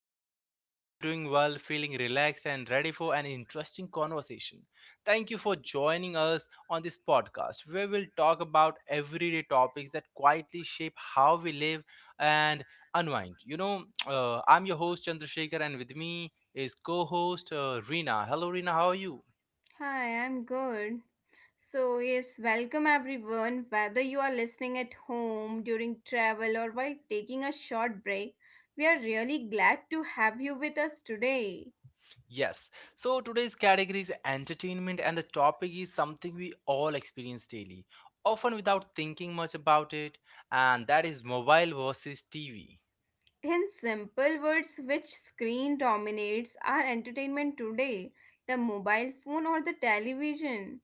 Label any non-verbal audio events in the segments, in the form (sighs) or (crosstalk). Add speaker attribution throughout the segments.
Speaker 1: episode. Hope you're doing well, feeling relaxed and ready for an interesting conversation. Thank you for joining us on this podcast where we'll talk about everyday topics that quietly shape how we live and unwind. I'm your host Chandrasekhar, and with me is co-host Reena. Hello Reena, how are you?
Speaker 2: Hi, I'm good. So, yes, welcome everyone. Whether you are listening at home, during travel, or while taking a short break, we are really glad to have you with us today.
Speaker 1: Yes. So today's category is entertainment, and the topic is something we all experience daily, often without thinking much about it, and that is mobile versus TV.
Speaker 2: In simple words, which screen dominates our entertainment today? The mobile phone or the television?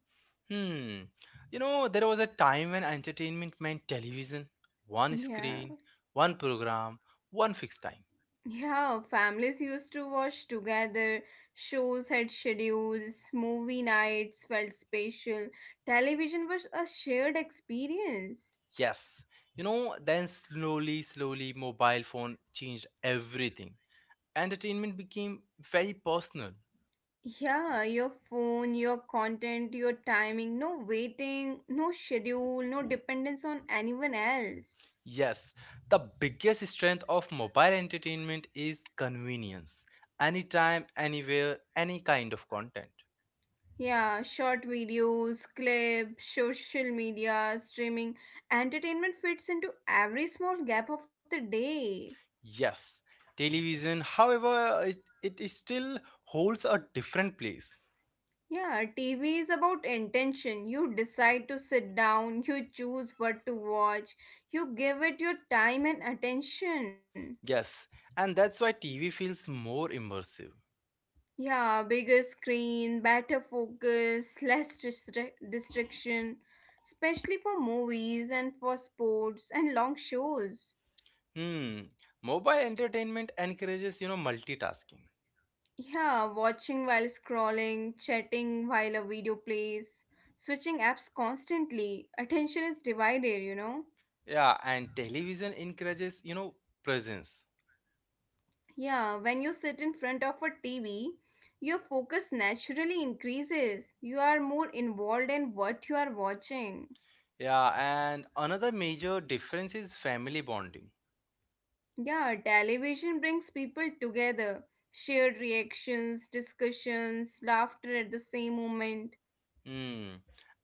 Speaker 1: Hmm. You know, there was a time when entertainment meant television: one
Speaker 2: Yeah.
Speaker 1: screen, one program, one fixed time.
Speaker 2: Yeah, families used to watch together. Shows had schedules, movie nights felt special. Television was a shared experience.
Speaker 1: Yes. Then slowly, slowly, mobile phone changed everything. Entertainment became very personal.
Speaker 2: Yeah, your phone, your content, your timing, no waiting, no schedule, no dependence on anyone else.
Speaker 1: Yes, the biggest strength of mobile entertainment is convenience. Anytime, anywhere, any kind of content.
Speaker 2: Yeah, short videos, clips, social media, streaming, entertainment fits into every small gap of the day.
Speaker 1: Yes, television, however, it is still holds a different place.
Speaker 2: Yeah, TV is about intention. You decide to sit down, you choose what to watch, you give it your time and attention.
Speaker 1: Yes, and that's why TV feels more immersive.
Speaker 2: Yeah, bigger screen, better focus, (laughs) less distraction, especially for movies and for sports and long shows.
Speaker 1: Hmm, mobile entertainment encourages, you know, multitasking.
Speaker 2: Yeah, watching while scrolling, chatting while a video plays, switching apps constantly. Attention is divided, you know.
Speaker 1: Yeah, and television encourages, you know, presence.
Speaker 2: Yeah, when you sit in front of a TV, your focus naturally increases. You are more involved in what you are watching.
Speaker 1: Yeah, and another major difference is family bonding.
Speaker 2: Yeah, television brings people together. Shared reactions, discussions, laughter at the same moment.
Speaker 1: Hmm.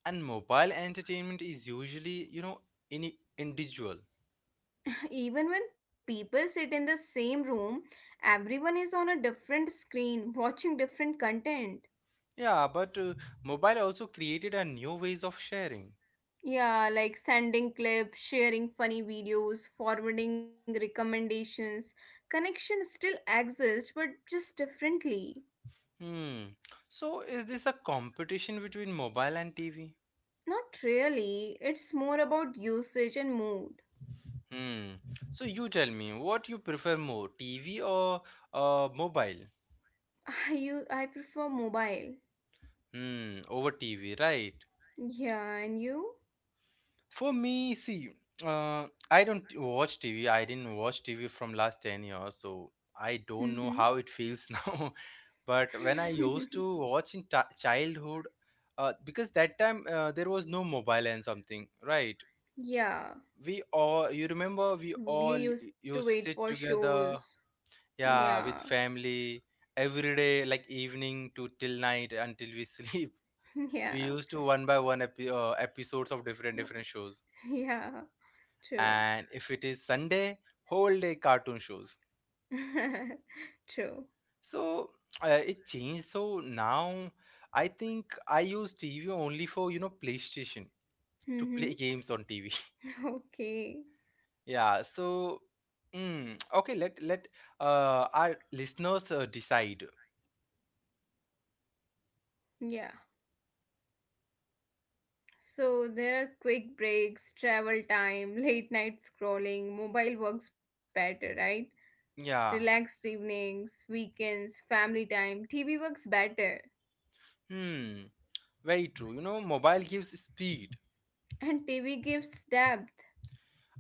Speaker 1: And mobile entertainment is usually, you know, in individual.
Speaker 2: (sighs) Even when people sit in the same room, everyone is on a different screen watching different content.
Speaker 1: Yeah, but mobile also created a new ways of sharing.
Speaker 2: Yeah, like sending clips, sharing funny videos, forwarding recommendations. Connection still exists, but just differently.
Speaker 1: Hmm. So is this a competition between mobile and TV?
Speaker 2: Not really. It's more about usage and mood.
Speaker 1: Hmm. So you tell me, what you prefer more, TV or mobile?
Speaker 2: (laughs) I prefer mobile.
Speaker 1: Hmm. Over TV, right?
Speaker 2: Yeah, and you?
Speaker 1: For me, see, I don't watch TV. I didn't watch TV from last 10 years, so I don't
Speaker 2: Mm-hmm.
Speaker 1: know how it feels (laughs) now. But when I
Speaker 2: (laughs)
Speaker 1: used to watch in childhood, because that time there was no mobile and something, right?
Speaker 2: Yeah,
Speaker 1: We all, you remember, we
Speaker 2: we
Speaker 1: all
Speaker 2: used to
Speaker 1: used
Speaker 2: wait
Speaker 1: to
Speaker 2: for
Speaker 1: sit
Speaker 2: shows.
Speaker 1: together, yeah,
Speaker 2: Yeah,
Speaker 1: with family every day, like evening to till night until we (laughs) sleep.
Speaker 2: (laughs)
Speaker 1: We
Speaker 2: yeah.
Speaker 1: used to one by one episodes of different
Speaker 2: So,
Speaker 1: different shows.
Speaker 2: yeah, true.
Speaker 1: And if it is Sunday, whole day cartoon shows.
Speaker 2: (laughs) True.
Speaker 1: So it changed. So now I think I use TV only for, you know, PlayStation to
Speaker 2: Mm-hmm.
Speaker 1: play (laughs) games on TV. (laughs)
Speaker 2: Okay.
Speaker 1: yeah. So okay, let our listeners decide.
Speaker 2: Yeah. So there are quick breaks, travel time, (laughs) late night scrolling, mobile works better, right?
Speaker 1: Yeah.
Speaker 2: Relaxed evenings, weekends, family time. TV works better.
Speaker 1: Hmm. Very true. You know, mobile gives speed,
Speaker 2: And TV gives depth.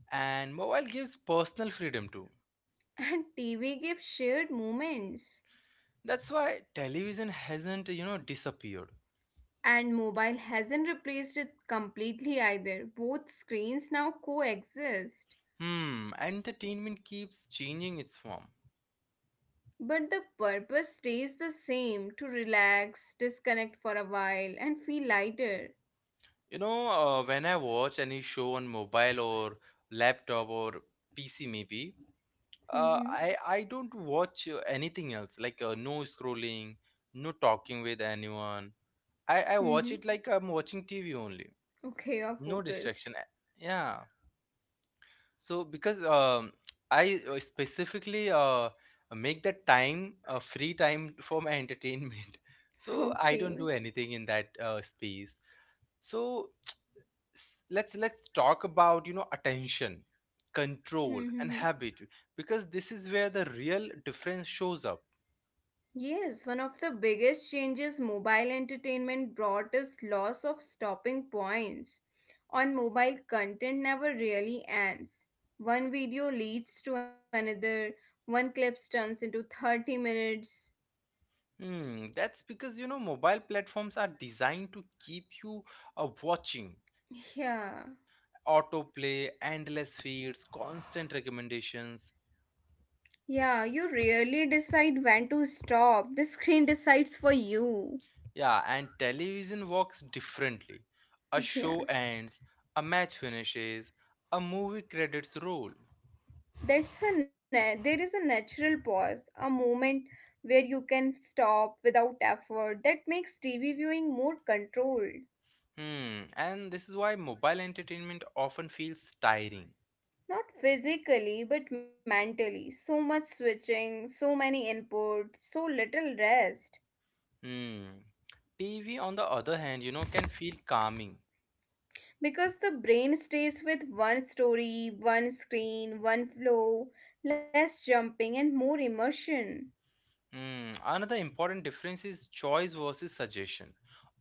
Speaker 1: and mobile gives personal freedom too.
Speaker 2: (laughs) And TV gives shared moments.
Speaker 1: That's why television hasn't, you know, disappeared.
Speaker 2: And mobile hasn't replaced it completely either. Both screens now coexist.
Speaker 1: Hmm. Entertainment keeps changing its form.
Speaker 2: But the purpose stays the same, to relax, disconnect for a while, and feel lighter.
Speaker 1: When I watch any show on mobile or laptop or PC maybe,
Speaker 2: Mm-hmm.
Speaker 1: I don't watch anything else, like no scrolling, no talking with anyone. I watch it
Speaker 2: Mm-hmm.
Speaker 1: like I'm watching TV only.
Speaker 2: Okay, you're
Speaker 1: No distraction.
Speaker 2: focused.
Speaker 1: A- Yeah. So because I specifically make the time, free time, for my entertainment. (laughs) So I don't
Speaker 2: Okay.
Speaker 1: do anything in that space. So let's talk about, you know, attention, control, and
Speaker 2: (laughs)
Speaker 1: habit, because this is where the real difference shows up.
Speaker 2: Yes, one of the biggest changes mobile entertainment brought is loss of stopping points. On mobile, content never really ends. One video leads to another, one clip turns into 30 minutes.
Speaker 1: Hmm, that's because, you know, mobile platforms are designed to keep you watching:
Speaker 2: Yeah.
Speaker 1: autoplay, endless feeds, constant recommendations.
Speaker 2: Yeah, you rarely decide when to stop. The screen decides for you.
Speaker 1: Yeah, and television works differently. A show
Speaker 2: Yeah.
Speaker 1: ends, a match finishes, a movie credits roll.
Speaker 2: There is a natural pause, a moment where you can stop without effort. That makes TV viewing more controlled.
Speaker 1: Hmm, and this is why mobile entertainment often feels tiring.
Speaker 2: Not physically, but mentally. So much switching, so many inputs, so little rest.
Speaker 1: Hmm. TV, on the other hand, you know, can feel calming.
Speaker 2: Because the brain stays with one story, one screen, one flow. Less jumping and more immersion.
Speaker 1: Hmm. Another important difference is choice versus suggestion.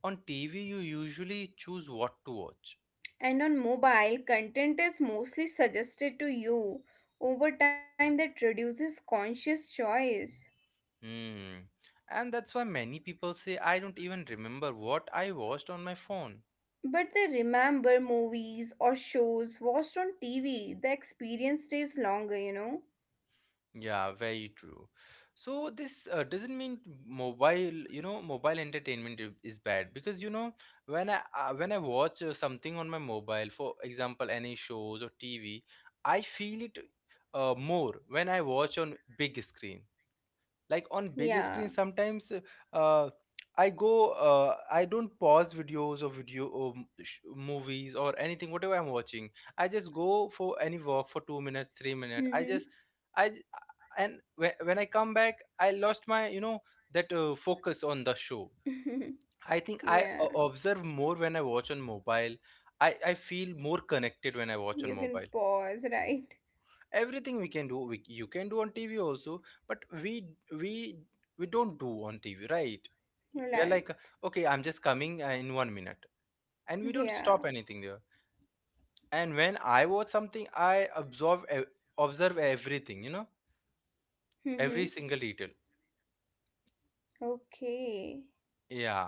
Speaker 1: On TV, you usually choose what to watch.
Speaker 2: And on mobile, content is mostly suggested to you over time. That reduces conscious choice.
Speaker 1: Hmm. And that's why many people say, I don't even remember what I watched on my phone.
Speaker 2: But they remember movies or shows watched on TV. The experience stays longer, you know?
Speaker 1: Yeah, very true. So this doesn't mean mobile, mobile entertainment is bad, because, you know, when I when I watch something on my mobile, for example, any shows or TV, I feel it more when I watch on big screen. Like on
Speaker 2: Yeah.
Speaker 1: big screen sometimes, uh, I go I don't pause videos or movies or anything whatever I'm watching. I just go for any walk for 2 minutes, 3 minutes, I just, i j- and when I come back, I lost my, you know, that focus on the show.
Speaker 2: Mm-hmm.
Speaker 1: I think
Speaker 2: (laughs)
Speaker 1: I
Speaker 2: Yeah.
Speaker 1: observe more when I watch on mobile. I feel more connected when I watch on
Speaker 2: You can
Speaker 1: mobile.
Speaker 2: pause, right?
Speaker 1: Everything we can do, you can do on TV also, but we we don't do on TV, right? We are
Speaker 2: Right.
Speaker 1: like, okay, I'm just coming in 1 minute, and we don't
Speaker 2: Yeah.
Speaker 1: stop anything there. And when I watch something, I absorb observe everything, you know,
Speaker 2: Mm-hmm.
Speaker 1: every single detail.
Speaker 2: Okay.
Speaker 1: Yeah.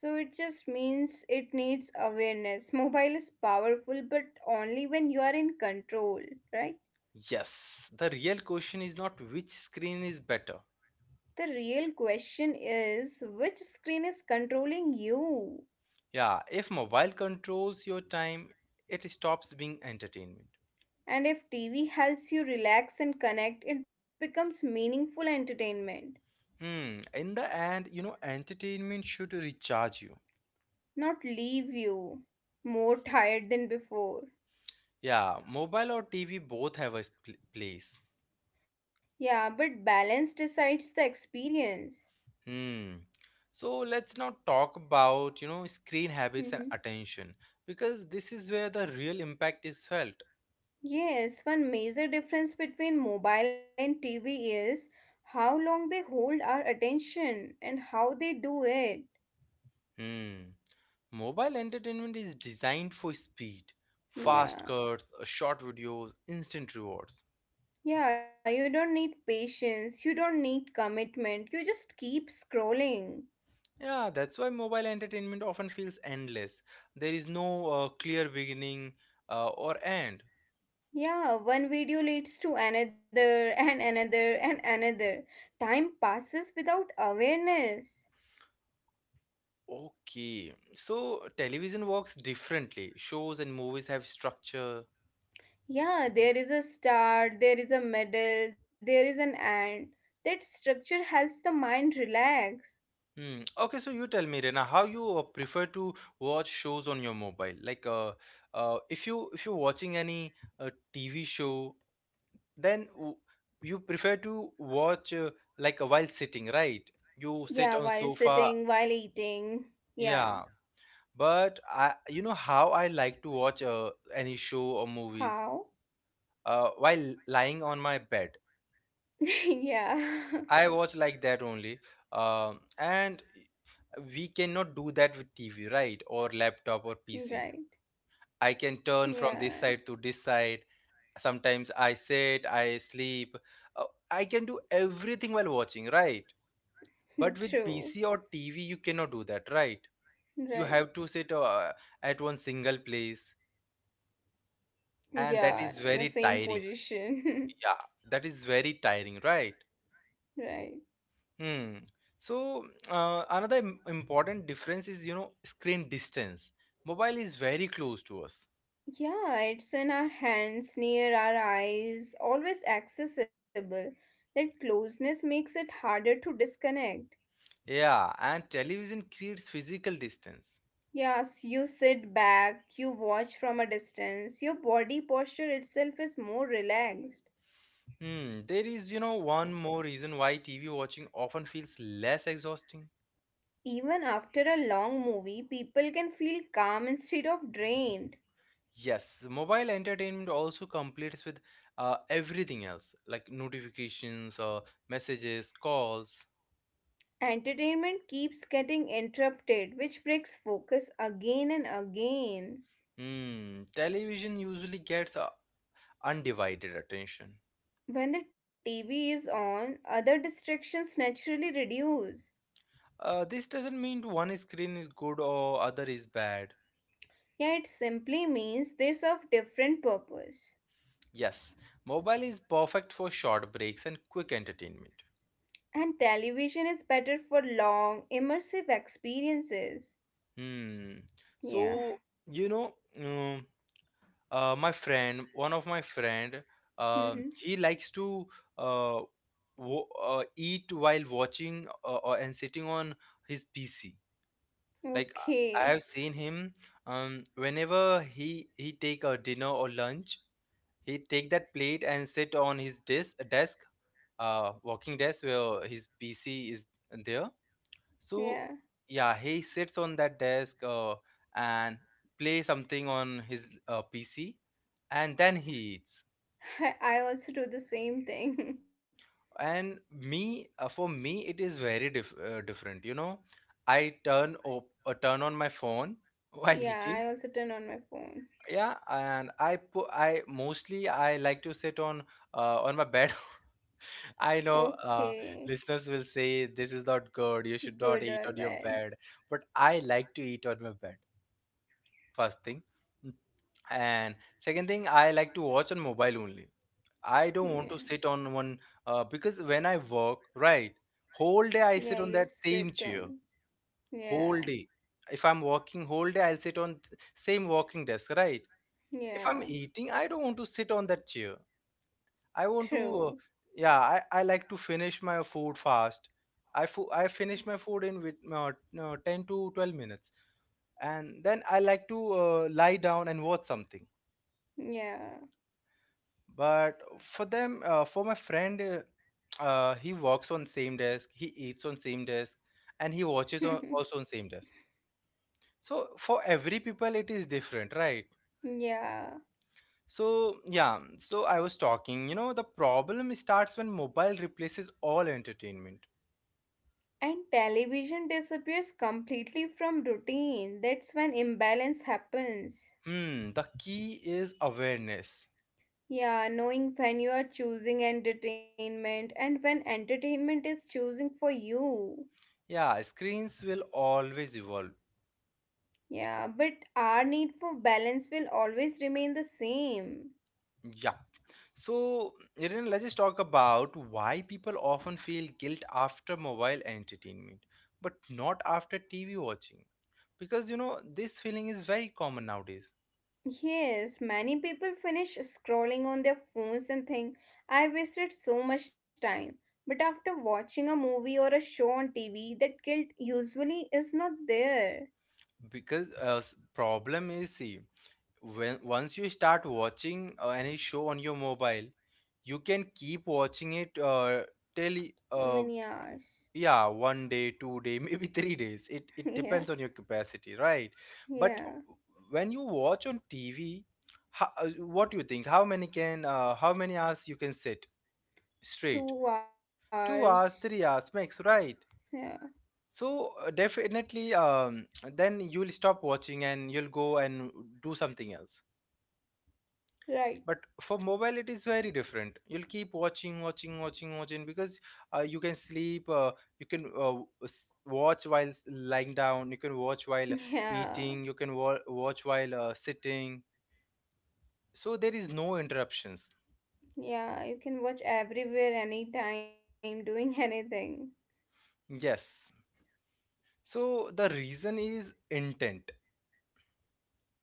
Speaker 2: So it just means it needs awareness. Mobile is powerful, but only when you are in control, right?
Speaker 1: Yes, the real question is not which screen is better.
Speaker 2: The real question is, which screen is controlling you?
Speaker 1: Yeah, if mobile controls your time, it stops being entertainment.
Speaker 2: And if TV helps you relax and connect, it becomes meaningful entertainment,
Speaker 1: Hmm, in the end, you know, entertainment should recharge you.
Speaker 2: not leave you more tired than before.
Speaker 1: Yeah, mobile or TV both have a place.
Speaker 2: Yeah, but balance decides the experience.
Speaker 1: Hmm. So let's now talk about, you know, screen habits and
Speaker 2: Mhm.
Speaker 1: attention, because this is where the real impact is felt.
Speaker 2: Yes, one major difference between mobile and TV is how long they hold our attention and how they do it.
Speaker 1: Hmm. Mobile entertainment is designed for speed: fast
Speaker 2: Yeah.
Speaker 1: cuts, short videos, instant rewards.
Speaker 2: Yeah, you don't need patience, you don't need commitment, you just keep scrolling.
Speaker 1: Yeah, that's why mobile entertainment often feels endless. There is no clear beginning or end.
Speaker 2: Yeah, one video leads to another (laughs) and another and another. Time passes without awareness.
Speaker 1: Okay, so television works differently. Shows and movies have structure.
Speaker 2: Yeah, there is a start, there is a middle, there is an end. That structure helps the mind relax.
Speaker 1: Hmm. Okay, so you tell me, Rena, how you prefer to watch shows on your mobile? Like, if you if you're watching any TV show, then you prefer to watch while sitting, right? You sit
Speaker 2: Yeah,
Speaker 1: on
Speaker 2: while
Speaker 1: sofa,
Speaker 2: sitting, while eating.
Speaker 1: yeah.
Speaker 2: Yeah.
Speaker 1: But I, you know how I like to watch any show or movies
Speaker 2: How?
Speaker 1: while lying on my bed.
Speaker 2: (laughs) Yeah.
Speaker 1: I watch like that only. And we cannot do that with TV, right? Or laptop or
Speaker 2: (laughs)
Speaker 1: PC.
Speaker 2: Right.
Speaker 1: I can turn from this
Speaker 2: Yeah.
Speaker 1: side to this side. Sometimes I sit, I sleep. Uh, I can do everything while watching, right?
Speaker 2: (laughs)
Speaker 1: But with
Speaker 2: True.
Speaker 1: PC or TV, you cannot do that, right? You
Speaker 2: Right.
Speaker 1: have to sit at one single place, and that
Speaker 2: Yeah,
Speaker 1: is
Speaker 2: in the
Speaker 1: very
Speaker 2: same
Speaker 1: tiring.
Speaker 2: position. (laughs)
Speaker 1: Yeah, that is very tiring, right?
Speaker 2: Right.
Speaker 1: Hmm. So another important difference is, you know, screen distance. Mobile is very close to us.
Speaker 2: Yeah, it's in our hands, near our eyes, always accessible. That closeness makes it harder to disconnect.
Speaker 1: Yeah, and television creates physical distance.
Speaker 2: Yes, you sit back, you watch from a distance, your body posture itself is more relaxed.
Speaker 1: Hmm. There is, you know, one more reason why TV watching often feels less exhausting.
Speaker 2: Even after a long movie, people can feel calm instead of drained.
Speaker 1: Yes, mobile entertainment also completes with everything else, like notifications or messages, calls.
Speaker 2: Entertainment keeps getting interrupted, which breaks focus again and again.
Speaker 1: Hmm. Television usually gets undivided attention.
Speaker 2: When the TV is on, other distractions naturally reduce.
Speaker 1: This doesn't mean one screen is good or other is bad.
Speaker 2: Yeah, it simply means they serve different purpose.
Speaker 1: Yes, mobile is perfect for short breaks and quick entertainment.
Speaker 2: And television is better for long, immersive experiences.
Speaker 1: Hmm.
Speaker 2: Yeah.
Speaker 1: So, you know, um, my friend, one of my friend,
Speaker 2: Mhm.
Speaker 1: he likes to uh, eat while watching and sitting on his PC. Like I
Speaker 2: Okay.
Speaker 1: have seen him, whenever he take a dinner or lunch, he'd take that plate and sit on his desk desk working desk where his PC is there. So
Speaker 2: Yeah.
Speaker 1: yeah, he sits on that desk and play something on his PC, and then he eats.
Speaker 2: (laughs) I also do the same thing.
Speaker 1: And me, for me it is very different, you know. I turn on my phone
Speaker 2: (laughs)
Speaker 1: (laughs) while
Speaker 2: Yeah, I
Speaker 1: eating.
Speaker 2: also turn on my phone.
Speaker 1: Yeah, and I put, I mostly I like to sit on my bed. (laughs) I know
Speaker 2: Okay.
Speaker 1: listeners will say this is not good. You should
Speaker 2: Good
Speaker 1: not
Speaker 2: or
Speaker 1: eat on your
Speaker 2: bad.
Speaker 1: bed. But I like to eat on my bed, first thing. Mm, And second thing, I like to watch on mobile only. I don't want to
Speaker 2: Yeah.
Speaker 1: sit on one because when I work, right, whole day I
Speaker 2: Yeah,
Speaker 1: sit on
Speaker 2: you
Speaker 1: that
Speaker 2: sit
Speaker 1: same chair,
Speaker 2: on.
Speaker 1: whole
Speaker 2: Yeah.
Speaker 1: day. If I'm working whole day, I'll sit on same working desk, right? If I'm
Speaker 2: Yeah.
Speaker 1: eating, I don't want to sit on that chair. I want to,
Speaker 2: True.
Speaker 1: yeah, I like to finish my food fast. I finish my food in with, 10 to 12 minutes. And then I like to lie down and watch something.
Speaker 2: Yeah.
Speaker 1: But for them, for my friend, he works on same desk, he eats on same desk, and he watches on, also on
Speaker 2: (laughs)
Speaker 1: same desk. So for every people, it is different, right?
Speaker 2: Yeah.
Speaker 1: So yeah, so I was talking, you know, the problem starts when mobile replaces all entertainment.
Speaker 2: And television disappears completely from routine. That's when imbalance happens.
Speaker 1: Hmm, the key is awareness.
Speaker 2: Yeah, knowing when you are choosing entertainment and when entertainment is choosing for you.
Speaker 1: Yeah, screens will always evolve.
Speaker 2: Yeah, but our need for balance will always remain the same.
Speaker 1: Yeah. So, Irene, let's just talk about why people often feel guilt after mobile entertainment, but not after TV watching. Because, you know, this feeling is very common nowadays.
Speaker 2: Yes, many people finish scrolling on their phones and think, I wasted so much time. But after watching a movie or a show on TV, that guilt usually is not there
Speaker 1: Because problem is, see, when once you start watching any show on your mobile, you can keep watching it till
Speaker 2: for many
Speaker 1: uh, two-
Speaker 2: hours.
Speaker 1: yeah, one day, 2 day (laughs) maybe 3 days. It
Speaker 2: (laughs)
Speaker 1: depends
Speaker 2: Yeah,
Speaker 1: on your capacity, right? But
Speaker 2: yeah.
Speaker 1: when you watch on TV, how, uh, what do you think, how many hours you can sit straight?
Speaker 2: Two
Speaker 1: two
Speaker 2: hours.
Speaker 1: hours 3 hours max, right?
Speaker 2: Yeah,
Speaker 1: So definitely, then you'll stop watching and you'll go and do something else.
Speaker 2: right.
Speaker 1: But for mobile, it is very different. You'll keep watching, watching, watching, watching because you can sleep, you can watch while lying down, you can watch while
Speaker 2: Yeah,
Speaker 1: eating, you can watch while sitting. So there is no interruptions.
Speaker 2: yeah. You can watch everywhere, anytime, doing (laughs) anything.
Speaker 1: Yes, so the reason is intent.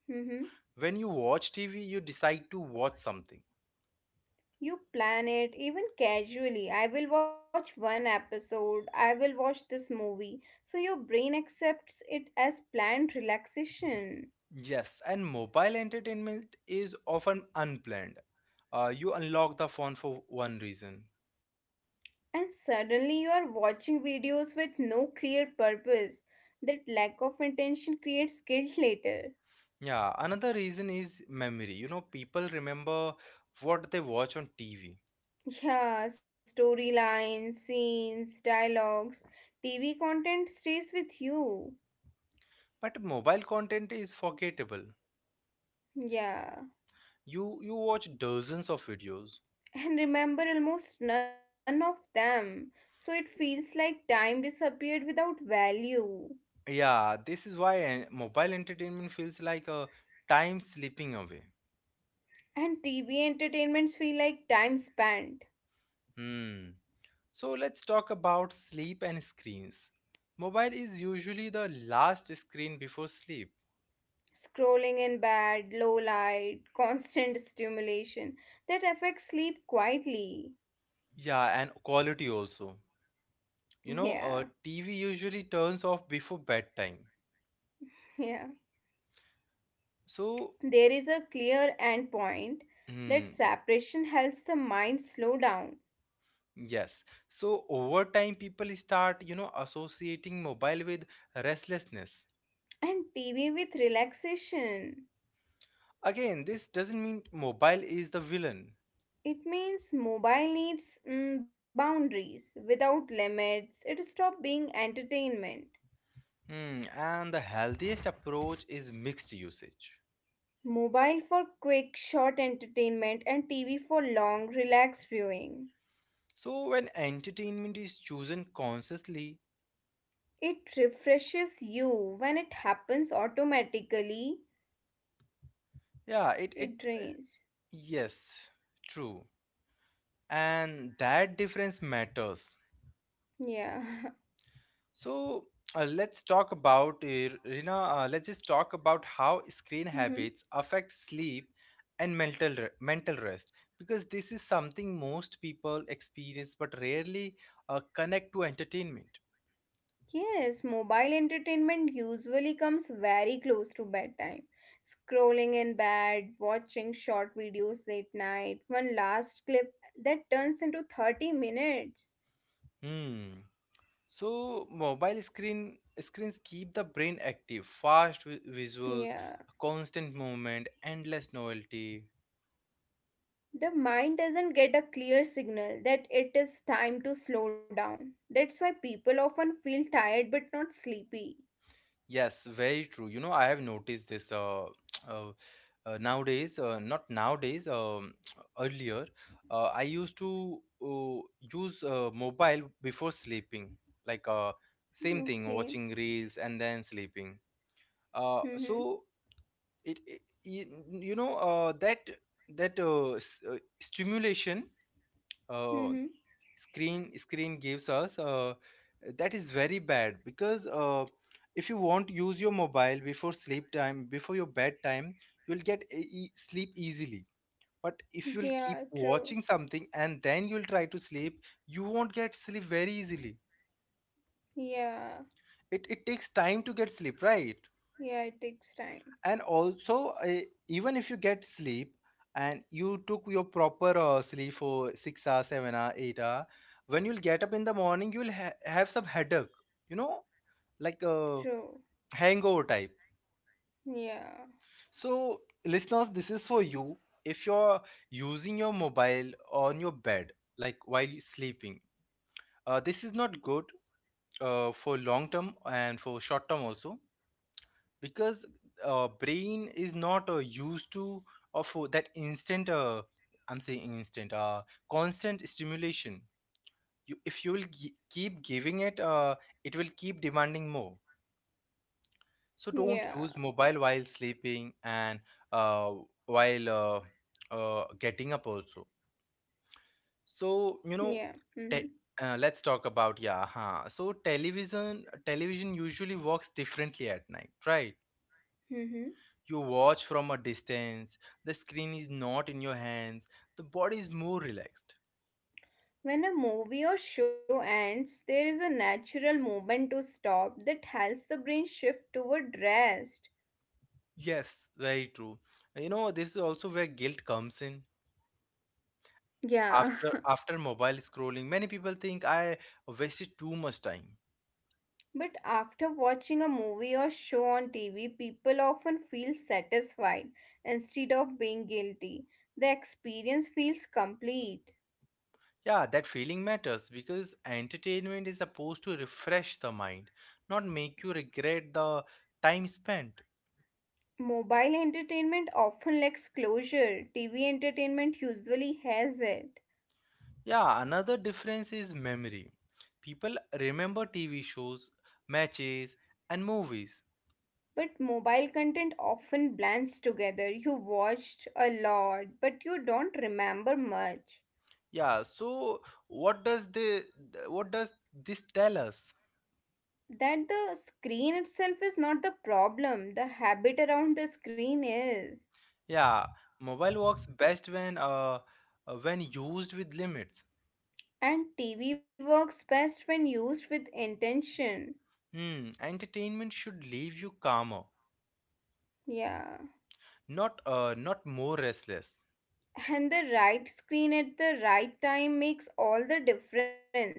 Speaker 2: Mm-hmm.
Speaker 1: When you watch TV, you decide to watch something.
Speaker 2: You plan it even casually. I will watch one episode. I will watch this movie. So your brain accepts it as planned relaxation.
Speaker 1: Yes, and mobile entertainment is often unplanned. You unlock the phone for one reason.
Speaker 2: And suddenly you are watching videos with no clear purpose. That lack of intention creates guilt later.
Speaker 1: Yeah, another reason is memory. You know, people remember what they watch on TV,
Speaker 2: Yeah, storylines, scenes, dialogues, TV content stays with you.
Speaker 1: but mobile content is forgettable.
Speaker 2: Yeah.
Speaker 1: You watch dozens of videos.
Speaker 2: And remember almost none of them. So it feels like time disappeared without value.
Speaker 1: Yeah, this is why mobile entertainment feels like a time slipping away.
Speaker 2: And TV entertainments feel like time spent.
Speaker 1: Hmm. So let's talk about sleep and screens. Mobile is usually the last screen before sleep.
Speaker 2: Scrolling in bed, low light, (laughs) constant stimulation that affects sleep quietly.
Speaker 1: Yeah, and quality also.
Speaker 2: (laughs) Yeah,
Speaker 1: You know, TV usually turns off before bedtime.
Speaker 2: yeah.
Speaker 1: So,
Speaker 2: There is a clear end point. That
Speaker 1: hmm.
Speaker 2: separation helps the mind slow down,
Speaker 1: Yes. So over time, people start, you know, associating mobile with restlessness.
Speaker 2: and TV with relaxation.
Speaker 1: Again, this doesn't mean mobile is the villain.
Speaker 2: It means mobile needs boundaries. Without limits, it stopped being entertainment.
Speaker 1: Hmm, and the healthiest approach is mixed usage.
Speaker 2: Mobile for quick, short entertainment and TV for long, relaxed viewing.
Speaker 1: So when entertainment is chosen consciously,
Speaker 2: It refreshes you when it happens automatically.
Speaker 1: yeah,
Speaker 2: It drains.
Speaker 1: yes, true. And that difference matters.
Speaker 2: Yeah.
Speaker 1: So let's talk about Rina. Let's just talk about how screen habits
Speaker 2: (laughs)
Speaker 1: affect sleep and mental rest because this is something most people experience but rarely connect to entertainment.
Speaker 2: Yes, mobile entertainment usually comes very close to bedtime. Scrolling in bed, watching short videos late night, one last clip that turns into 30 minutes.
Speaker 1: Hmm. So mobile screens keep the brain active, visuals,
Speaker 2: Yeah.
Speaker 1: constant movement, endless novelty.
Speaker 2: The mind doesn't get a clear signal that it is time to slow down. That's why people often feel tired but not sleepy.
Speaker 1: Yes, very true. You know, I have noticed this. (tsk) Uh, uh, nowadays, not nowadays, (tsk) earlier, I used to use mobile before sleeping, like, same thing,
Speaker 2: Okay.
Speaker 1: watching reels and then sleeping. So
Speaker 2: Mm-hmm.
Speaker 1: it, it you know, that stimulation, uh,
Speaker 2: Mm-hmm.
Speaker 1: screen gives us, that is very bad because if you won't use your mobile before sleep time, before your bedtime, you'll get sleep easily. But if you'll keep
Speaker 2: Yeah,
Speaker 1: watching
Speaker 2: true.
Speaker 1: something and then you'll try to sleep, you won't get sleep very easily.
Speaker 2: Yeah.
Speaker 1: It takes time to get sleep, right?
Speaker 2: Yeah, it takes time.
Speaker 1: And also, even if you get sleep and you took your proper sleep for 6 hours, 7 hour, 8 hour, when you'll get up in the morning, you'll have some headache, you know, like a
Speaker 2: True.
Speaker 1: hangover type.
Speaker 2: Yeah.
Speaker 1: So, listeners, this is for you. If you're using your mobile on your bed, like while you sleeping, this is not good for long term and for short term also because brain is not used to of that instant, I'm saying instant constant stimulation. You if you will keep giving it, it will keep demanding more. So don't use
Speaker 2: Yeah,
Speaker 1: mobile while sleeping and uh, while getting up also. So you know,
Speaker 2: yeah.
Speaker 1: te-
Speaker 2: Mm-hmm.
Speaker 1: let's talk about yeah huh. So television usually works differently at night, right?
Speaker 2: Mm-hmm.
Speaker 1: You watch from a distance, the screen is not in your hands, the body is more relaxed.
Speaker 2: When a movie or show ends, there is a natural moment to stop that helps the brain shift toward rest.
Speaker 1: Yes, very true. You know, this is also where guilt comes in.
Speaker 2: Yeah.
Speaker 1: After mobile scrolling, many people think I wasted too much time.
Speaker 2: (laughs) But after watching a movie or show on TV, people often feel satisfied instead of being guilty. The experience feels complete.
Speaker 1: Yeah, that feeling matters because entertainment is supposed to refresh the mind, not make you regret the time spent.
Speaker 2: Mobile entertainment often lacks closure, TV entertainment usually has it.
Speaker 1: Yeah, another difference is memory. People remember TV shows, matches, and movies.
Speaker 2: But mobile content often blends together. You watched a lot, but you don't remember much.
Speaker 1: Yeah, so what does the what does this tell us?
Speaker 2: That the screen itself is not the problem, the habit around the screen is.
Speaker 1: Yeah, mobile works best when used with limits.
Speaker 2: And TV works best when used with intention.
Speaker 1: Hmm, entertainment should leave you calmer,
Speaker 2: Yeah.
Speaker 1: not more restless.
Speaker 2: And the right screen at the right time makes all the difference.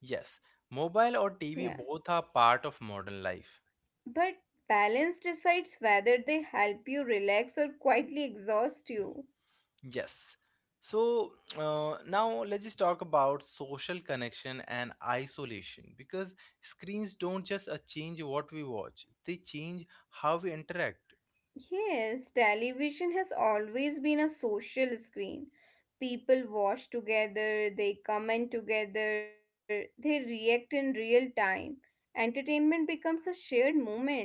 Speaker 1: Yes, mobile or
Speaker 2: Yeah.
Speaker 1: TV, both are part of modern life.
Speaker 2: But balance decides whether they help you relax or quietly exhaust you.
Speaker 1: Yes. So now let's just talk about social connection and isolation because screens don't just change what we watch; they change how we interact.
Speaker 2: Yes, television has always been a social screen. People watch together, they comment together, they react in real time. Entertainment becomes a shared moment.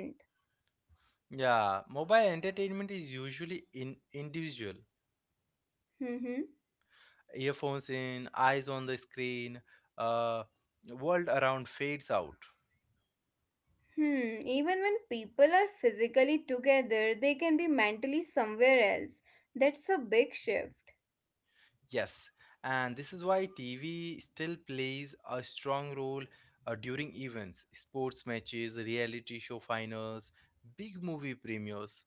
Speaker 1: Yeah, mobile entertainment is usually in individual.
Speaker 2: Hmm.
Speaker 1: Earphones in, eyes on the screen, uh, world around fades out.
Speaker 2: Hmm. Even when people are physically together, they can be mentally somewhere else. That's a big shift.
Speaker 1: Yes, and this is why TV still plays a strong role during events, sports matches, reality show finals, big movie premieres.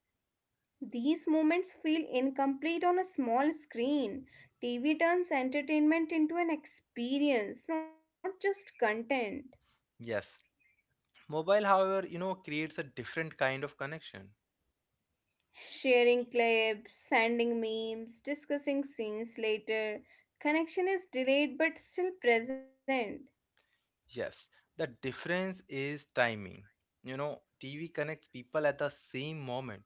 Speaker 2: These moments feel incomplete on a small screen. TV turns entertainment into an experience, not just content.
Speaker 1: Yes, mobile, however, you know, creates a different kind of connection.
Speaker 2: Sharing clips, sending memes, discussing scenes later. Connection is delayed but still present.
Speaker 1: Yes, the difference is timing. You know, TV connects people at the same moment.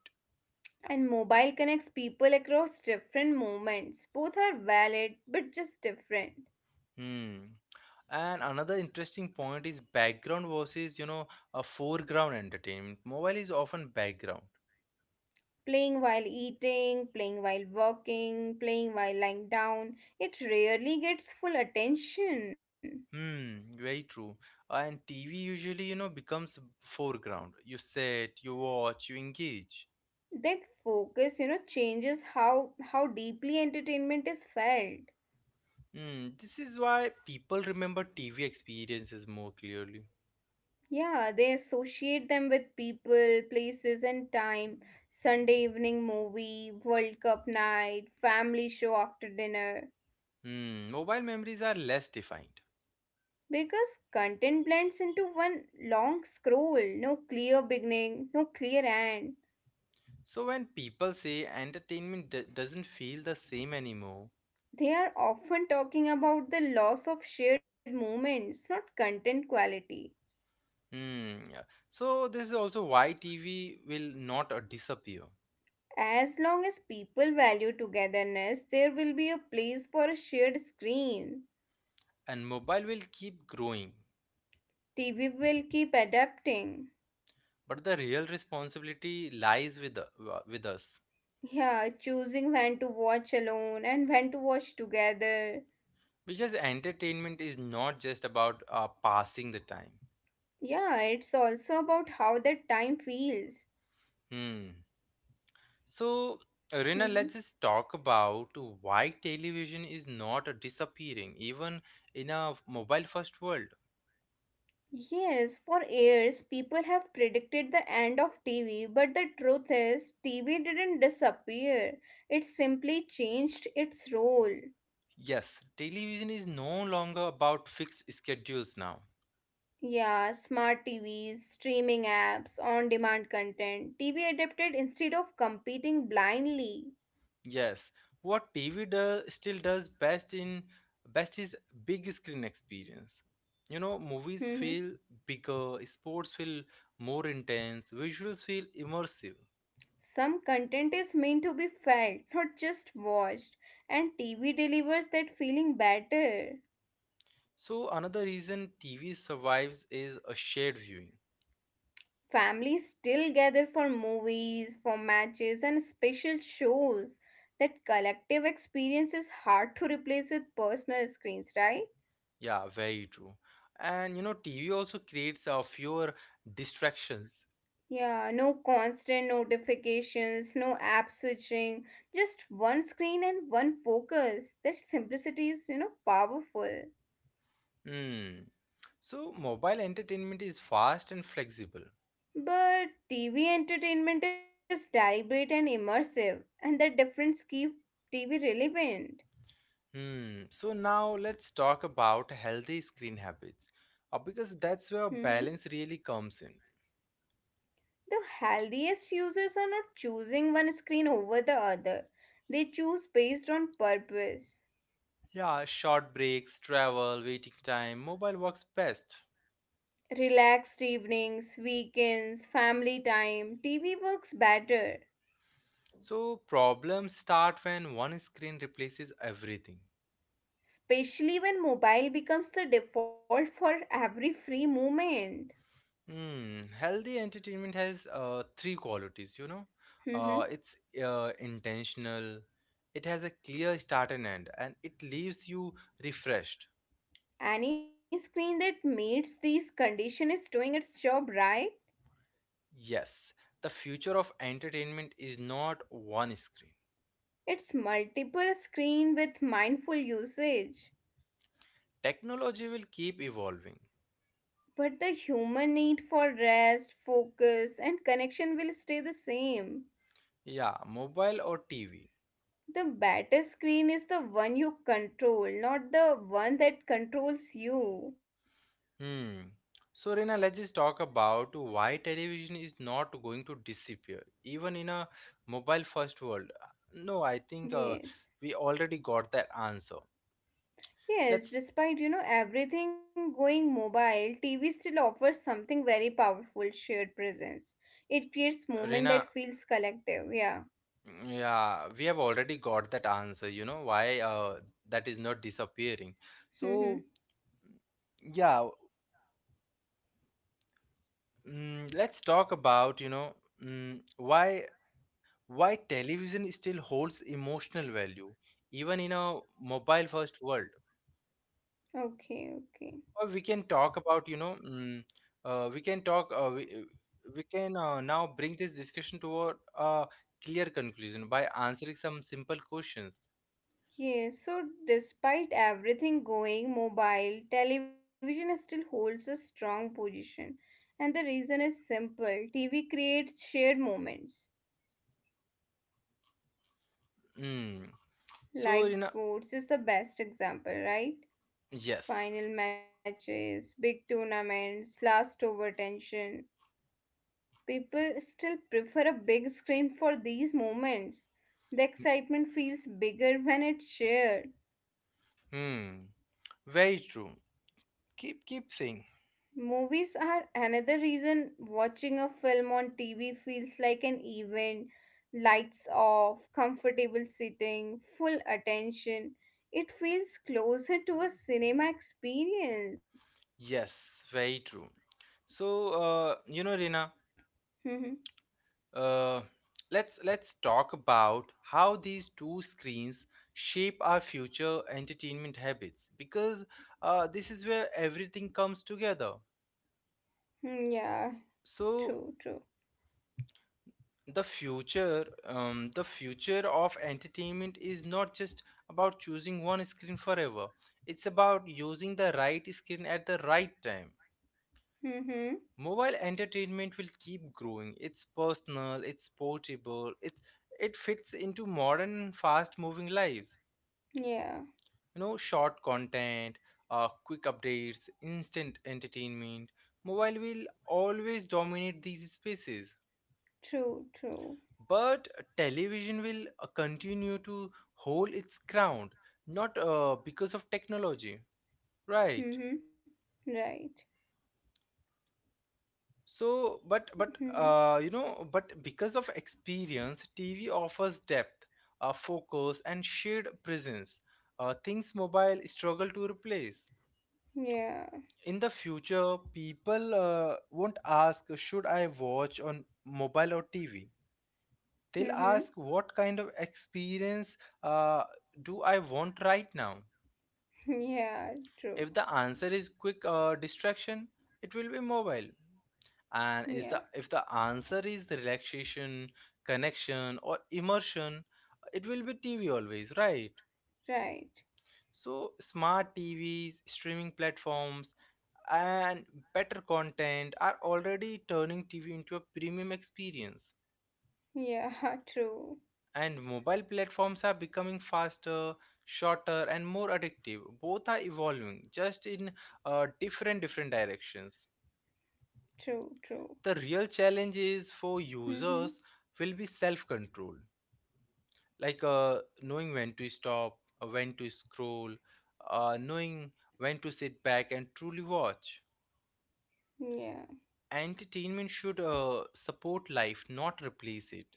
Speaker 2: And mobile connects people across different moments. Both are valid, but just different.
Speaker 1: Hmm. And another interesting point is background versus, you know, a foreground entertainment. Mobile is often background.
Speaker 2: Playing while eating, playing while walking, playing while lying down, it rarely gets full attention.
Speaker 1: Hmm, very true. And TV usually, you know, becomes foreground. You sit, you watch, you engage.
Speaker 2: That focus, you know, changes how deeply entertainment is felt.
Speaker 1: Hmm, this is why people remember TV experiences more clearly.
Speaker 2: Yeah, they associate them with people, places, and time. Sunday evening movie, World Cup night, family show after dinner.
Speaker 1: Hmm, mobile memories are less defined.
Speaker 2: Because content blends into one long scroll, no clear beginning, no clear end.
Speaker 1: So when people say entertainment doesn't feel the same anymore.
Speaker 2: They are often talking about the loss of shared moments, not content quality.
Speaker 1: Hmm. Yeah. So this is also why TV will not disappear
Speaker 2: As long as people value togetherness, there will be a place for a shared screen.
Speaker 1: and mobile will keep growing.
Speaker 2: TV will keep adapting.
Speaker 1: But the real responsibility lies with us
Speaker 2: Yeah, choosing when to watch alone and when to watch together.
Speaker 1: because entertainment is not just about passing the time.
Speaker 2: Yeah, it's also about how that time feels.
Speaker 1: Hmm. So, Rina,
Speaker 2: Mhm.
Speaker 1: let's just talk about why television is not disappearing, even in a mobile first world.
Speaker 2: Yes, for years people have predicted the end of TV, but the truth is, TV didn't disappear. It simply changed its role.
Speaker 1: Yes, television is no longer about fixed schedules now.
Speaker 2: Yeah, smart TVs, streaming apps, on demand content. TV adapted instead of competing blindly.
Speaker 1: Yes, what TV does still does best, in best is big screen experience. You know, movies
Speaker 2: (laughs)
Speaker 1: feel bigger, sports feel more intense, visuals feel immersive.
Speaker 2: Some content is meant to be felt, not just watched, and TV delivers that feeling better.
Speaker 1: So another reason TV survives is a shared viewing.
Speaker 2: Families still gather for movies, for matches, and special shows. That collective experience is hard to replace with personal screens, right?
Speaker 1: Yeah, very true. And you know, TV also creates a fewer distractions.
Speaker 2: Yeah, no constant notifications, no app switching, just one screen and one focus. That simplicity is, you know, powerful.
Speaker 1: Hmm. So mobile entertainment is fast and flexible.
Speaker 2: But TV entertainment is deliberate and immersive, and that difference keeps TV relevant.
Speaker 1: Hmm. So now let's talk about healthy screen habits, because that's where
Speaker 2: Mhm.
Speaker 1: balance really comes in.
Speaker 2: The healthiest users are not choosing one screen over the other. They choose based on purpose.
Speaker 1: Yeah, short breaks, travel, waiting time, mobile works best.
Speaker 2: Relaxed evenings, weekends, family time, TV works better,
Speaker 1: So problems start when one screen replaces everything.
Speaker 2: especially when mobile becomes the default for every free moment.
Speaker 1: Hmm. Healthy entertainment has three qualities. You know,
Speaker 2: Mhm.
Speaker 1: it's intentional. It has a clear start and end, and it leaves you refreshed.
Speaker 2: Any screen that meets these conditions is doing its job right.
Speaker 1: Yes, the future of entertainment is not one screen.
Speaker 2: It's multiple screen with mindful usage.
Speaker 1: Technology will keep evolving.
Speaker 2: But the human need for rest, focus, and connection will stay the same.
Speaker 1: Yeah, mobile or TV.
Speaker 2: The better screen is the one you control, not the one that controls you.
Speaker 1: Hmm. So, Rina, let's just talk about why television is not going to disappear, even in a mobile first world. No, I think
Speaker 2: Yes.
Speaker 1: we already got that answer.
Speaker 2: Yes,
Speaker 1: Let's,
Speaker 2: despite you know everything going mobile, TV still offers something very powerful, shared presence. It creates moment that
Speaker 1: Rina,
Speaker 2: feels collective. Yeah.
Speaker 1: yeah, we have already got that answer, you know, why that is not disappearing.
Speaker 2: Mm-hmm.
Speaker 1: So, yeah. Mm, let's talk about, you know, mm, why television still holds emotional value even in a mobile first world.
Speaker 2: Okay, okay.
Speaker 1: Or we can talk about, you know, uh, we can talk uh, we, we can now bring this discussion toward a clear conclusion by answering some simple questions.
Speaker 2: Yes, so despite everything going mobile, television still holds a strong position. And the reason is simple, TV creates shared moments.
Speaker 1: Mm. So
Speaker 2: Live
Speaker 1: you know,
Speaker 2: sports is the best example, right?
Speaker 1: yes.
Speaker 2: Final matches, big tournaments, last over tension. People still prefer a big screen for these moments. The excitement feels bigger when it's shared.
Speaker 1: Hmm. Very true. Keep saying
Speaker 2: Movies are another reason watching a film on TV feels like an event. Lights off, comfortable sitting, full attention. It feels closer to a cinema experience.
Speaker 1: yes. Very true. So you know, Rina,
Speaker 2: Mhm.
Speaker 1: uh, let's talk about how these two screens shape our future entertainment habits because this is where everything comes together.
Speaker 2: Yeah, true,
Speaker 1: So
Speaker 2: true.
Speaker 1: the future of entertainment is not just about choosing one screen forever. It's about using the right screen at the right time.
Speaker 2: Mm-hmm.
Speaker 1: Mobile entertainment will keep growing. It's personal, it's portable, it fits into modern fast moving lives.
Speaker 2: Yeah,
Speaker 1: You know, short content, quick updates, instant entertainment, mobile will always dominate these spaces.
Speaker 2: true, true.
Speaker 1: But television will continue to hold its ground, not because of technology, right?
Speaker 2: Mm-hmm. Right.
Speaker 1: So, but
Speaker 2: Mm-hmm.
Speaker 1: you know, but because of experience, TV offers depth, focus, and shared presence, things mobile struggle to replace.
Speaker 2: Yeah.
Speaker 1: In the future, people won't ask, should I watch on mobile or TV? They'll
Speaker 2: Mm-hmm.
Speaker 1: ask, what kind of experience uh, do I want right now?
Speaker 2: Yeah,
Speaker 1: If
Speaker 2: true.
Speaker 1: the answer is quick distraction, it will be mobile. and
Speaker 2: Yeah,
Speaker 1: is the if the answer is relaxation, connection, or immersion, it will be TV always, right?
Speaker 2: right.
Speaker 1: So, smart TVs, streaming platforms, and better content are already turning TV into a premium experience.
Speaker 2: Yeah, (laughs) true,
Speaker 1: And mobile platforms are becoming faster, shorter, and more addictive. Both are evolving, just in different directions.
Speaker 2: true, true.
Speaker 1: The real challenge is for
Speaker 2: Mm-hmm.
Speaker 1: users, will be self-control, like knowing when to stop, when to scroll, knowing when to sit back and truly watch.
Speaker 2: Yeah,
Speaker 1: Entertainment should support life, not replace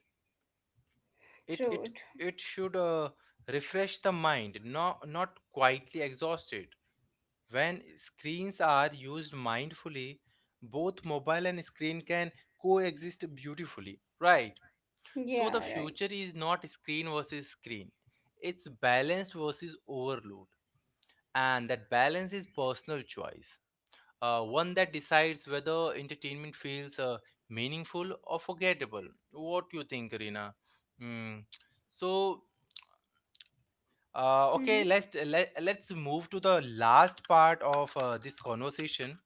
Speaker 1: it it
Speaker 2: true. True.
Speaker 1: it should refresh the mind, not quietly exhaust it. When screens are used mindfully, both mobile and screen can coexist beautifully, right? So the
Speaker 2: Yeah, right.
Speaker 1: future is not screen versus screen, it's balanced versus overload. And that balance is personal choice, one that decides whether entertainment feels meaningful or forgettable. What do you think, Rina? Mm. So, okay,
Speaker 2: Mm-hmm.
Speaker 1: let's move to the last part of this conversation.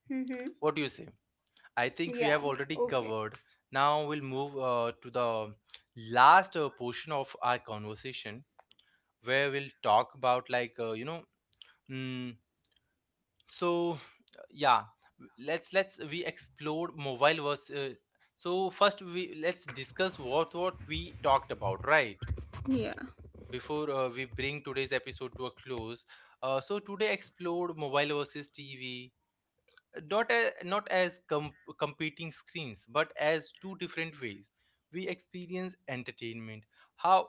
Speaker 2: Mm-hmm.
Speaker 1: What do you say? I think we
Speaker 2: Yeah,
Speaker 1: have already
Speaker 2: okay.
Speaker 1: covered. Now we'll move to the last portion of our conversation where we'll talk about, like, you know. Mm, so yeah, let's we explore mobile versus, so first, we let's discuss what we talked about, right,
Speaker 2: Yeah.
Speaker 1: before we bring today's episode to a close. So today explored mobile versus TV, not as competing screens but as two different ways we experience entertainment. How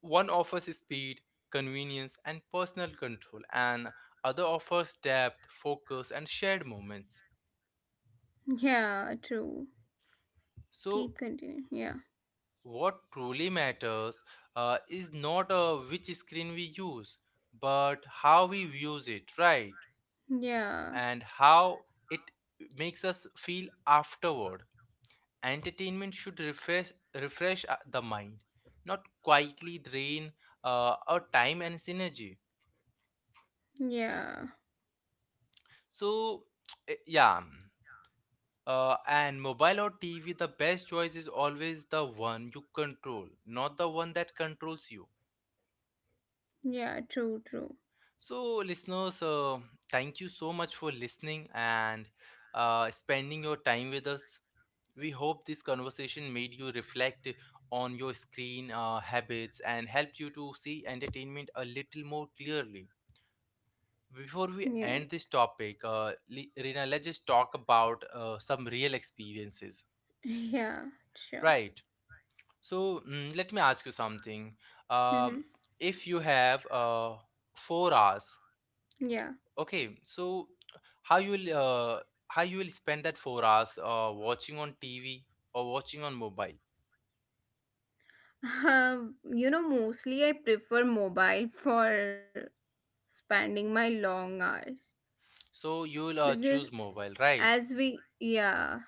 Speaker 1: one offers speed, convenience, and personal control, and other offers depth, focus, and shared moments.
Speaker 2: Yeah, true.
Speaker 1: So,
Speaker 2: Keep continuing. Yeah.
Speaker 1: what truly matters is not which screen we use, but how we use it, right?
Speaker 2: Yeah.
Speaker 1: And how it makes us feel afterward. Entertainment should refresh the mind, not quietly drain our time and synergy.
Speaker 2: Yeah.
Speaker 1: So, (tsk) yeah. And mobile or TV, the best choice is always the one you control, not the one that controls you.
Speaker 2: Yeah, true, true.
Speaker 1: So, listeners, thank you so much for listening and spending your time with us. We hope this conversation made you reflect on your screen habits and helped you to see entertainment a little more clearly. Before we
Speaker 2: Yeah.
Speaker 1: end this topic, Reena, let's just talk about some real experiences,
Speaker 2: (laughs) Yeah, sure.
Speaker 1: right? So, let me ask you something.
Speaker 2: Mm-hmm.
Speaker 1: Um if you have 4 hours.
Speaker 2: Yeah.
Speaker 1: Okay, so how you will uh, how you will spend that 4 hours watching on TV or watching on mobile?
Speaker 2: Mostly I prefer mobile for spending my long hours
Speaker 1: So you will
Speaker 2: because
Speaker 1: choose mobile, right?
Speaker 2: as we yeah.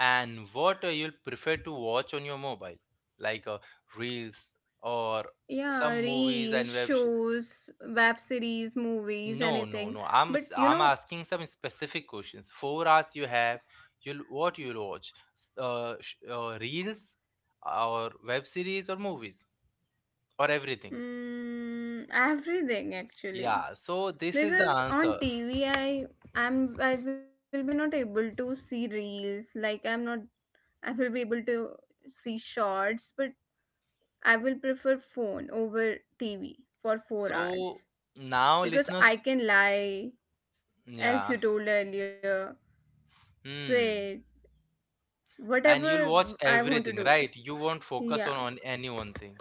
Speaker 1: And what you'll prefer to watch on your mobile, like reels or
Speaker 2: Yeah,
Speaker 1: some movies
Speaker 2: reels,
Speaker 1: and web.
Speaker 2: shows, web series, movies,
Speaker 1: No, no,
Speaker 2: anything.
Speaker 1: no. I'm
Speaker 2: But
Speaker 1: s-
Speaker 2: you
Speaker 1: I'm
Speaker 2: know,
Speaker 1: asking some specific questions. 4 hours you have. You'll What you'll watch? Reels or web series or movies or everything.
Speaker 2: everything actually.
Speaker 1: Yeah, so this is the
Speaker 2: Because on
Speaker 1: answer.
Speaker 2: TV, I will be not able to see reels. Like I'm not, I will be able to see shorts, but I will prefer phone over TV for 4 hours
Speaker 1: So now,
Speaker 2: because I
Speaker 1: listeners,
Speaker 2: can lie, as
Speaker 1: yeah.
Speaker 2: you told earlier,
Speaker 1: hmm,
Speaker 2: sit,
Speaker 1: and you'll watch
Speaker 2: whatever I want to
Speaker 1: everything,
Speaker 2: do.
Speaker 1: right? You won't focus on,
Speaker 2: Yeah.
Speaker 1: on any one thing.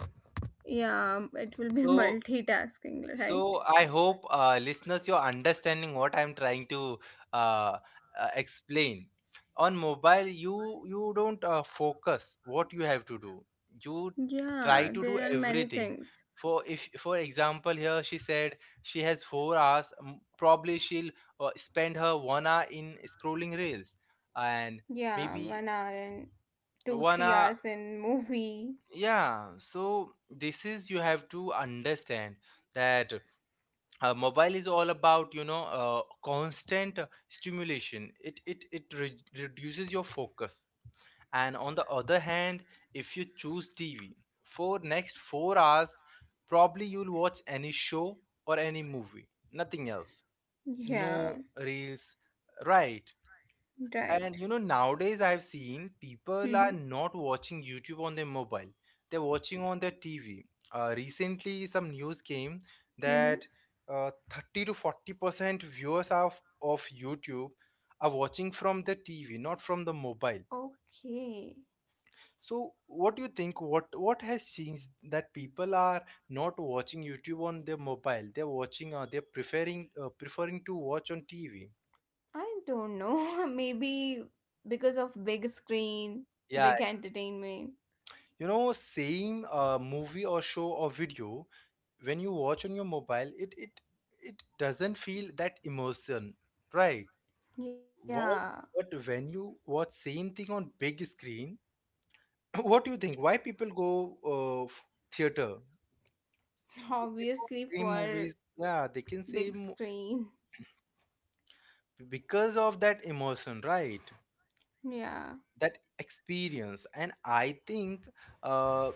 Speaker 2: Yeah, it will be (laughs)
Speaker 1: So
Speaker 2: multitasking, right?
Speaker 1: So, I hope listeners, you're understanding what I'm trying to uh, explain. On mobile, you don't focus what you have to do. You try
Speaker 2: Yeah,
Speaker 1: to do
Speaker 2: there are many
Speaker 1: everything.
Speaker 2: things.
Speaker 1: For if For example, here she said she has 4 hours. Probably she'll spend her one hour in scrolling reels, and
Speaker 2: Yeah,
Speaker 1: maybe
Speaker 2: 1 hour and 2,
Speaker 1: one
Speaker 2: three
Speaker 1: hour.
Speaker 2: hours in movie.
Speaker 1: Yeah. So this is, you have to understand that mobile is all about, constant stimulation. It reduces your focus, and on the other hand, if you choose TV for next 4 hours, probably you'll watch any show or any movie, nothing else, no
Speaker 2: Yeah,
Speaker 1: reels, right?
Speaker 2: right.
Speaker 1: And nowadays I've seen people are
Speaker 2: Mm-hmm.
Speaker 1: not watching YouTube on their mobile. They're watching on their TV. Recently, some news came that
Speaker 2: Mm-hmm.
Speaker 1: 30 to 40% viewers of YouTube are watching from the TV, not from the mobile.
Speaker 2: Okay.
Speaker 1: So, what do you think? What has changed that people are not watching YouTube on their mobile? They're watching. They're preferring to watch on TV.
Speaker 2: I don't know. (laughs) Maybe because of big screen,
Speaker 1: Yeah.
Speaker 2: big entertainment.
Speaker 1: You know, same movie or show or video, when you watch on your mobile, it doesn't feel that emotion, right? What,
Speaker 2: Yeah,
Speaker 1: but when you watch same thing on big screen, (coughs) (clears throat) what do you think? Why people go theater? They can watch same
Speaker 2: obviously
Speaker 1: movies,
Speaker 2: for
Speaker 1: yeah, they can say mo-
Speaker 2: big screen.
Speaker 1: because of that emotion, right?
Speaker 2: Yeah,
Speaker 1: That experience. And I think uh,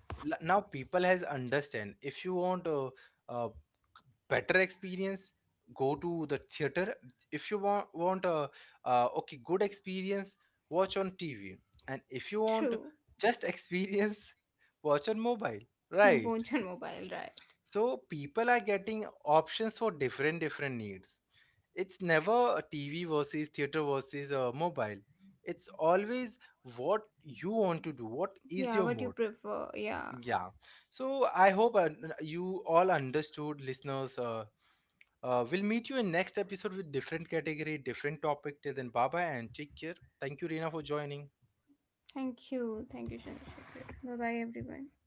Speaker 1: now people has understand. If you want uh, better experience, go to the theater. If you want a okay, good experience, watch on TV. And if you want
Speaker 2: true.
Speaker 1: just experience (laughs) watch on mobile, right?
Speaker 2: Watch on mobile, right?
Speaker 1: So people are getting options for different different needs. It's never a TV versus theater versus mobile. It's always what you want to do, what is your
Speaker 2: Yeah,
Speaker 1: mode.
Speaker 2: what you prefer. Yeah.
Speaker 1: Yeah. So I hope you all understood, listeners. We'll meet you in next episode with different category, different topic. Till then, bye bye and take care. Thank you, Reena, for joining.
Speaker 2: Thank you. Thank you, Chandrasekhar. Bye bye, everyone.